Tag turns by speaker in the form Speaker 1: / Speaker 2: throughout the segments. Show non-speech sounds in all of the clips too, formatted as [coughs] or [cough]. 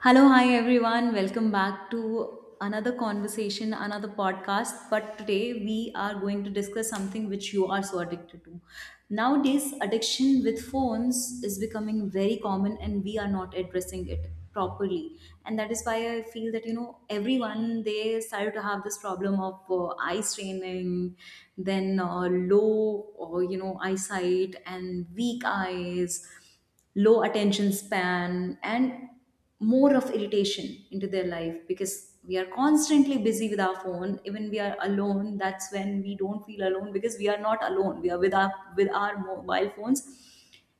Speaker 1: Hello, hi everyone. Welcome back to another conversation, another podcast. But today we are going to discuss something which you are so addicted to. Nowadays, addiction with phones is becoming very common, and we are not addressing it properly. And that is why I feel that, everyone they started to have this problem of eye straining, then low, or eyesight and weak eyes, low attention span, and more of irritation into their life, because we are constantly busy with our phone. Even we are alone, that's when we don't feel alone, because we are not alone, we are with our mobile phones.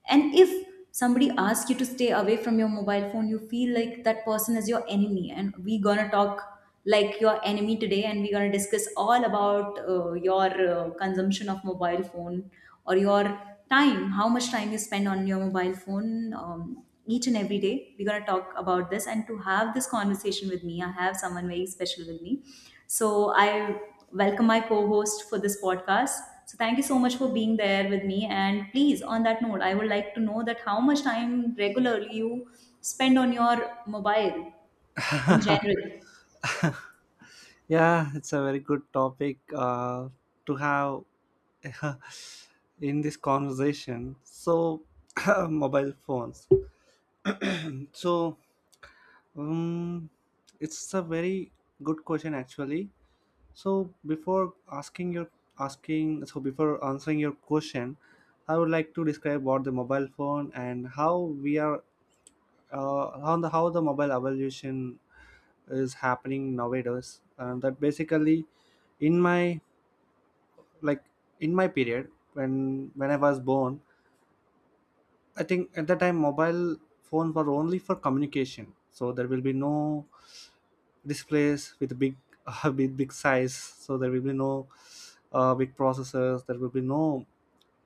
Speaker 1: And if somebody asks you to stay away from your mobile phone, you feel like that person is your enemy, and we gonna talk like your enemy today, and we're gonna discuss all about your consumption of mobile phone or your time, how much time you spend on your mobile phone. Each and every day we're going to talk about this. And to have this conversation with me, I have someone very special with me. So I welcome my co-host for this podcast. So thank you so much for being there with me. And please, on that note, I would like to know that how much time regularly you spend on your mobile in general.
Speaker 2: Yeah, it's a very good topic to have [laughs] in this conversation. So, [coughs] [clears throat] mobile phones. So, um, it's a very good question actually. So, before asking your asking, so before answering your question, I would like to describe what the mobile phone and how we are how the mobile evolution is happening nowadays. And that basically, in my like in my period when I was born, I think at that time mobile phones were only for communication, so there will be no displays with big [laughs] big, big size, so there will be no big processors, there will be no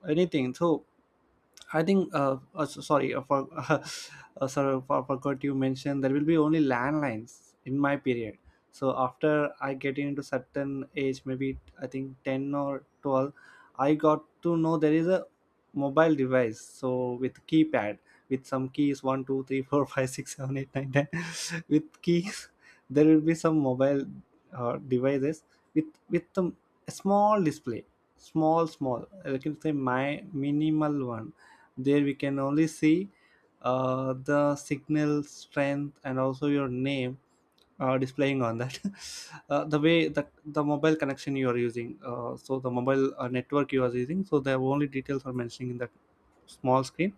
Speaker 2: anything. So I think, [laughs] forgot you mentioned there will be only landlines in my period. So after I getting into certain age, maybe I think 10 or 12, I got to know there is a mobile device. So with keypad, with some keys, one 2 3 4 [laughs] 5 6 7 8 9 ten. [laughs] With keys, there will be some mobile devices with a small display. Small, small. I can say my minimal one, there we can only see the signal strength and also your name displaying on that. [laughs] The way the mobile connection you are using, so the mobile network you are using, so the only details are mentioning in that small screen.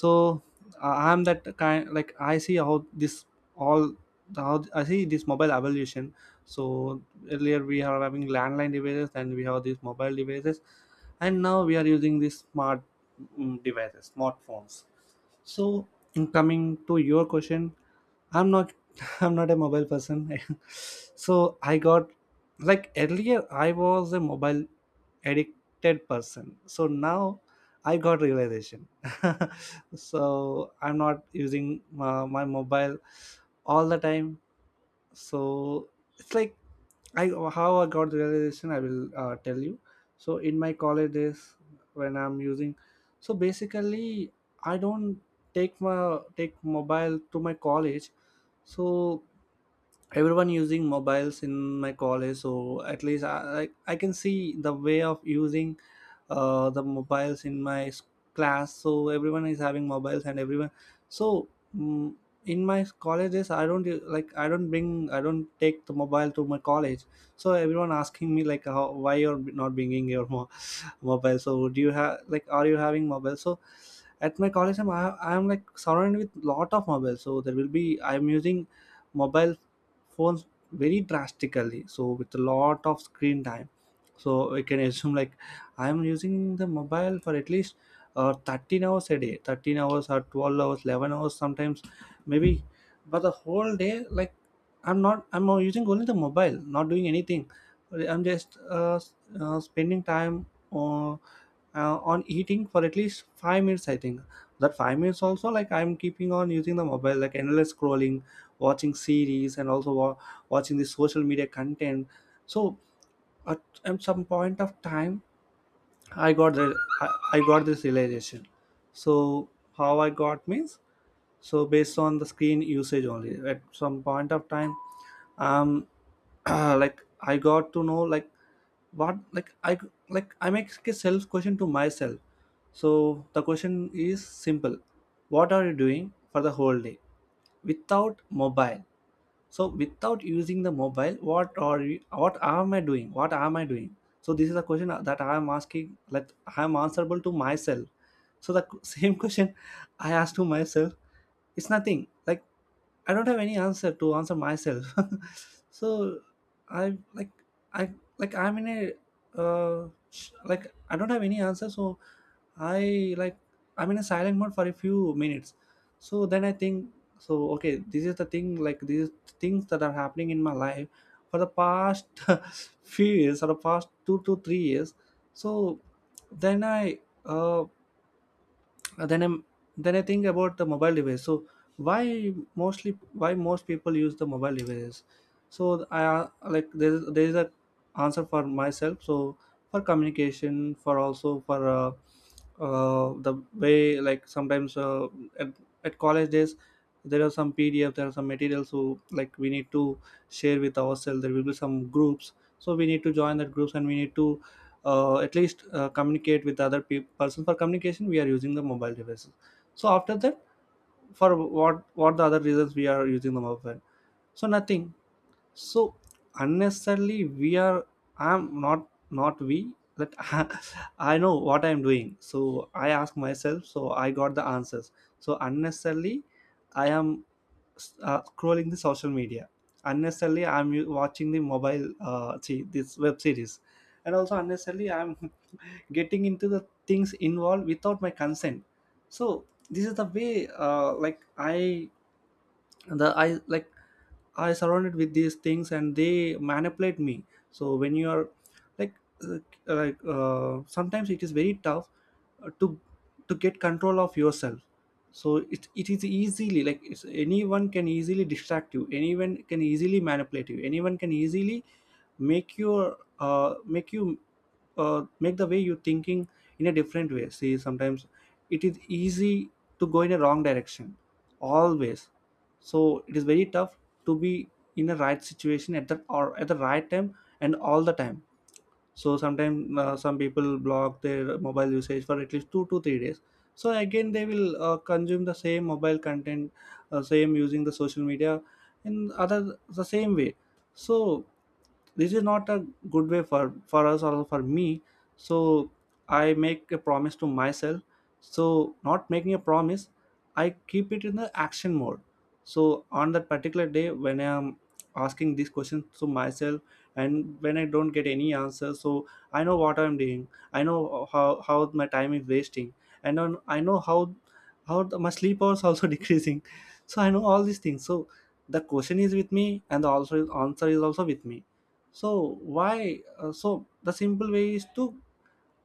Speaker 2: So I'm that kind, like, I see how this all how I see this mobile evolution. So earlier we are having landline devices, and we have these mobile devices, and now we are using these smart devices, smartphones. So in coming to your question, I'm not [laughs] I'm not a mobile person. [laughs] So I got, like earlier I was a mobile addicted person. So now I got realization. [laughs] So I'm not using my mobile all the time. So it's like, I how I got the realization, I will tell you. So in my college days, when I'm using, so basically, I don't take mobile to my college. So everyone using mobiles in my college, so at least I can see the way of using the mobiles in my class. So everyone is having mobiles and everyone. So mm, in my colleges, I don't bring, I don't take the mobile to my college. So everyone asking me, like, why you're not bringing your mobile. So do you have, like, are you having mobile? So at my college, I'm like surrounded with lot of mobile. So there will be, I'm using mobile phones very drastically, so with a lot of screen time. So I can assume like I'm using the mobile for at least 13 hours a day, 13 hours or 12 hours, 11 hours sometimes, maybe. But the whole day, like, I'm not I'm using only the mobile, not doing anything. I'm just spending time uh, uh, on eating for at least 5 minutes, I think. That 5 minutes also, like, I'm keeping on using the mobile, like endless scrolling, watching series, and also watching the social media content. So at some point of time, i got the I, I got this realization. So how I got means, so based on the screen usage only at some point of time, um [clears throat] like, I got to know, like, what like I like I make a self question to myself. So the question is simple: what are you doing for the whole day without mobile? So without using the mobile, what are you what am I doing, so this is a question that I am asking, like, I am answerable to myself. So the [laughs] same question I asked to myself. It's nothing, like, I don't have any answer to answer myself. [laughs] So I like I I'm in a sh- like I don't have any answer. So I like I'm in a silent mode for a few minutes. So then I think, so okay, this is the thing, like these things that are happening in my life for the past [laughs] few years, or the past 2 to 3 years. So then I uh uh, then I'm then I think about the mobile device. So why most people use the mobile devices? So I like, there is a answer for myself. So for communication, for also for the way, like sometimes at, at college days, there are some materials who, like, we need to share with ourselves. There will be some groups, so we need to join that groups, and we need to at least communicate with other person. For communication we are using the mobile devices. So after that, for what the other reasons we are using the mobile, so nothing. So unnecessarily we are I'm not not we that [laughs] I know what I'm doing. So I ask myself. So I got the answers. So unnecessarily I am scrolling the social media. Unnecessarily watching the mobile, see this web series, and also unnecessarily I'm [laughs] getting into the things involved without my consent. So this is the way, like, the I like I surrounded with these things, and they manipulate me. So when you are, like, uh, sometimes it is very tough to get control of yourself. So it is easily, like, anyone can easily distract you. Anyone can easily manipulate you. Anyone can easily make your uh, make you make the way you thinking in a different way. See, sometimes it is easy to go in a wrong direction always. So it is very tough to be in a right situation, at the right time, and all the time. So sometimes some people block their mobile usage for at least 2 to 3 days, so again they will consume the same mobile content, same using the social media in other the same way. So this is not a good way, for us or for me. So I make a promise to myself. So, not making a promise, I keep it in the action mode. So on that particular day, when I am asking these questions to myself and when I don't get any answer, so I know what I'm doing. I know how my time is wasting. And on, I know how my sleep hours also [laughs] decreasing. So I know all these things. So the question is with me, and the also answer is also with me. So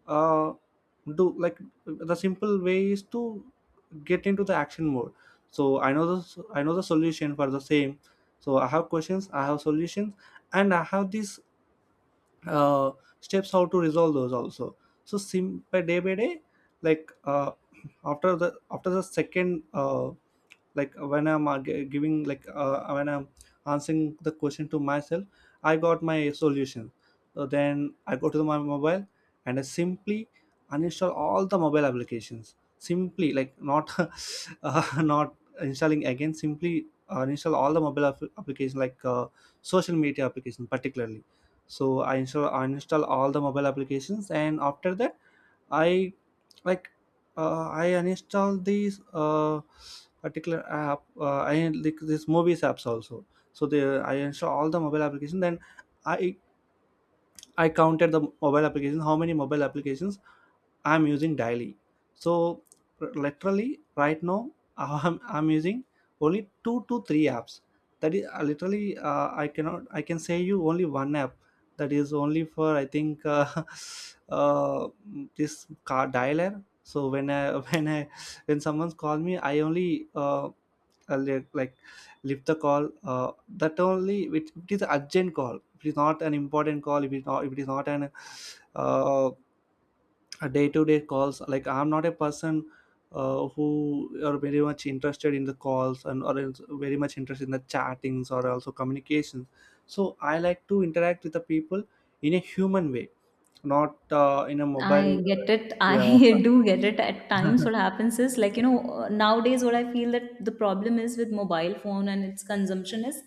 Speaker 2: uh, do like the simple way is to get into the action mode. So I know the solution for the same. So I have questions, I have solutions, and I have these uh, steps how to resolve those also. So sim by day by day, like after the second like when I'm gi- giving like when I'm answering the question to myself, I got my solution. So then I go to my mobile, and I simply uninstall all the mobile applications, simply, like not [laughs] uh, not installing again simply, install all the mobile applications, like social media application particularly. So I install uninstall all the mobile applications, and after that I like I uninstalled these particular app. I like these movies apps also. So they I install all the mobile application. Then I I counted the mobile application. How many mobile applications I'm using daily? So literally right now, [laughs] I'm using only two to three apps. That is literally, I cannot I can say you only one app. That is only for, I think, [laughs] uh, this car dialer. So when I [laughs] when i when someone calls me, I only uh, li- like lift the call, that only. It is urgent call, it is not an important call, if it is not an uh, a day-to-day calls. Like I'm not a person who are very much interested in the calls, and or is very much interested in the chattings or also communications. So I like to interact with the people in a human way, not in a mobile,
Speaker 1: I get it.
Speaker 2: yeah.
Speaker 1: I [laughs] do get it. At times, what
Speaker 2: [laughs]
Speaker 1: happens is like, nowadays, what I feel that the problem is with mobile phone and its consumption is,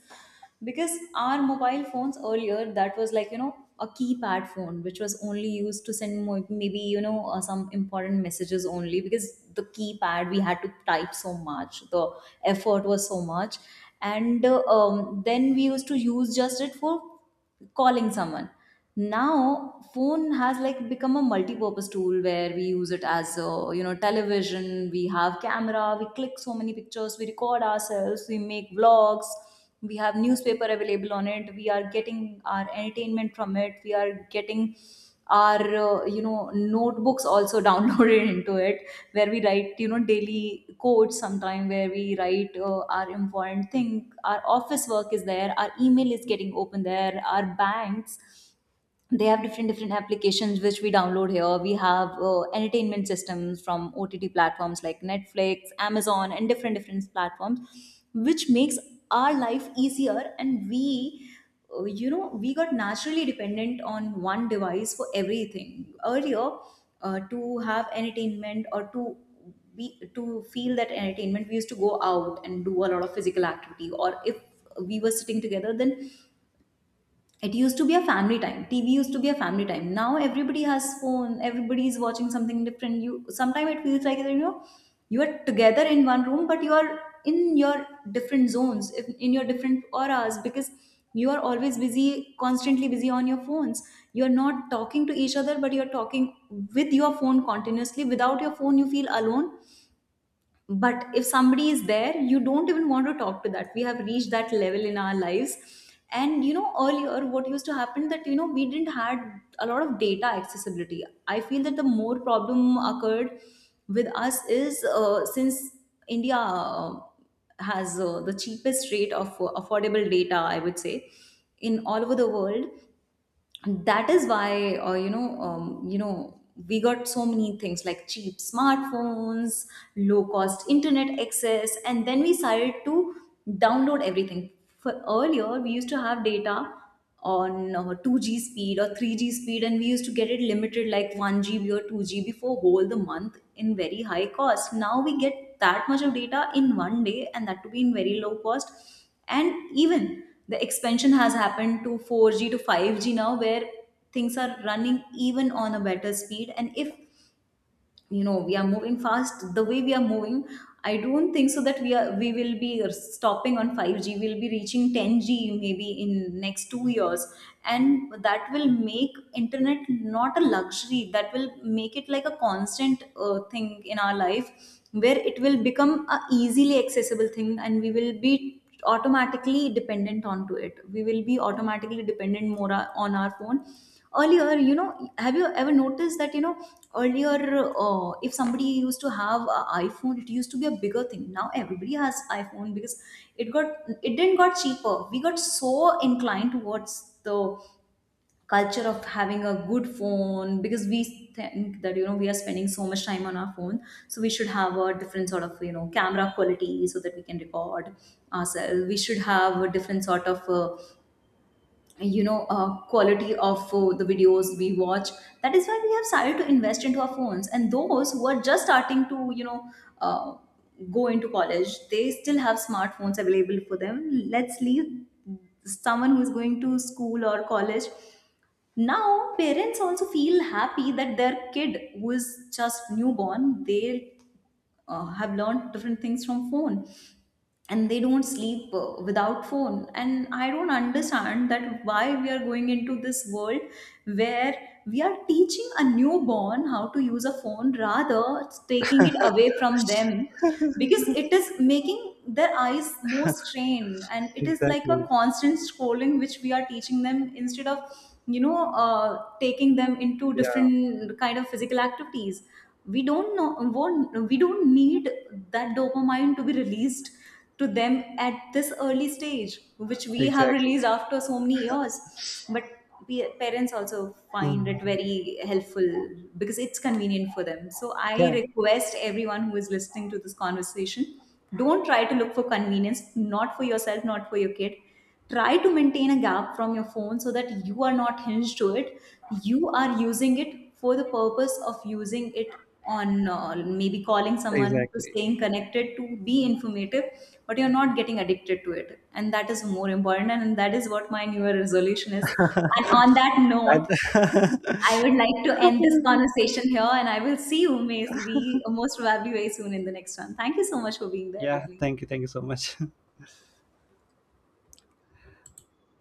Speaker 1: because our mobile phones earlier, that was like, a keypad phone, which was only used to send maybe, some important messages only, because the keypad, we had to type so much, the effort was so much. And then we used to use just it for calling someone. Now phone has like become a multi-purpose tool where we use it as television, we have camera, we click so many pictures, we record ourselves, we make vlogs, we have newspaper available on it, we are getting our entertainment from it, we are getting our notebooks also [laughs] downloaded into it, where we write daily quotes sometime, where we write our important thing, our office work is there, our email is getting open there, our banks, they have different different applications which we download here. We have entertainment systems from OTT platforms like Netflix, Amazon, and different different platforms which makes our life easier. And we we got naturally dependent on one device for everything. Earlier, to have entertainment or to feel that entertainment, we used to go out and do a lot of physical activity. Or if we were sitting together, then it used to be a family time, TV used to be a family time. Now everybody has phone, everybody is watching something different. You sometimes it feels like you are together in one room, but you are in your different zones, in your different auras, because you are always busy, constantly busy on your phones. You are not talking to each other, but you are talking with your phone continuously. Without your phone you feel alone, but if somebody is there, you don't even want to talk to that. We have reached that level in our lives. And earlier, what used to happen that we didn't had a lot of data accessibility. I feel that the more problem occurred with us is since India has the cheapest rate of affordable data, I would say, in all over the world. That is why we got so many things like cheap smartphones, low cost internet access, and then we started to download everything. For earlier we used to have data on 2G speed or 3G speed, and we used to get it limited like 1 GB or 2 GB for whole the month in very high cost. Now we get that much of data in one day and that to be in very low cost. And even the expansion has happened to 4G to 5G now, where things are running even on a better speed. And if we are moving fast, the way we are moving, I don't think so that we will be stopping on 5G. We'll be reaching 10G maybe in next 2 years. And that will make internet not a luxury, that will make it like a constant thing in our life, where it will become a easily accessible thing. And we will be automatically dependent onto it, we will be automatically dependent more on our phone. Earlier, have you ever noticed that earlier if somebody used to have an iPhone, it used to be a bigger thing. Now everybody has iPhone, because it didn't got cheaper. We got so inclined towards the culture of having a good phone, because we think that we are spending so much time on our phone. So we should have a different sort of camera quality so that we can record ourselves. We should have a different sort of quality of the videos we watch. That is why we have started to invest into our phones. And those who are just starting to uh, go into college, they still have smartphones available for them. Let's leave someone who is going to school or college. Now parents also feel happy that their kid who is just newborn, they have learned different things from phone, and they don't sleep without phone. And I don't understand that why we are going into this world where we are teaching a newborn how to use a phone, rather it's taking it away from them, because it is making their eyes more strained, and it is like a
Speaker 2: Exactly.
Speaker 1: constant scrolling which we are teaching them instead of taking them into
Speaker 2: Yeah,
Speaker 1: different kind of physical activities. We don't know. We don't need that dopamine to be released to them at this early stage, which we have
Speaker 2: exactly.
Speaker 1: released after so many years. But parents also find
Speaker 2: Mm.
Speaker 1: it very helpful, because it's convenient for them. So I
Speaker 2: Yeah,
Speaker 1: request everyone who is listening to this conversation, don't try to look for convenience, not for yourself, not for your kid. Try to maintain a gap from your phone so that you are not hinged to it. You are using it for the purpose of using it, on maybe calling someone, to
Speaker 2: exactly.
Speaker 1: staying connected, to be informative, but you're not getting addicted to it. And that is more important, and that is what my new resolution is.
Speaker 2: [laughs]
Speaker 1: And on that note,
Speaker 2: And- [laughs]
Speaker 1: I would like to end this conversation here, and I will see you maybe most probably very soon in the next one. Thank you so much for being there with
Speaker 2: yeah,
Speaker 1: me.
Speaker 2: thank you, thank you so much.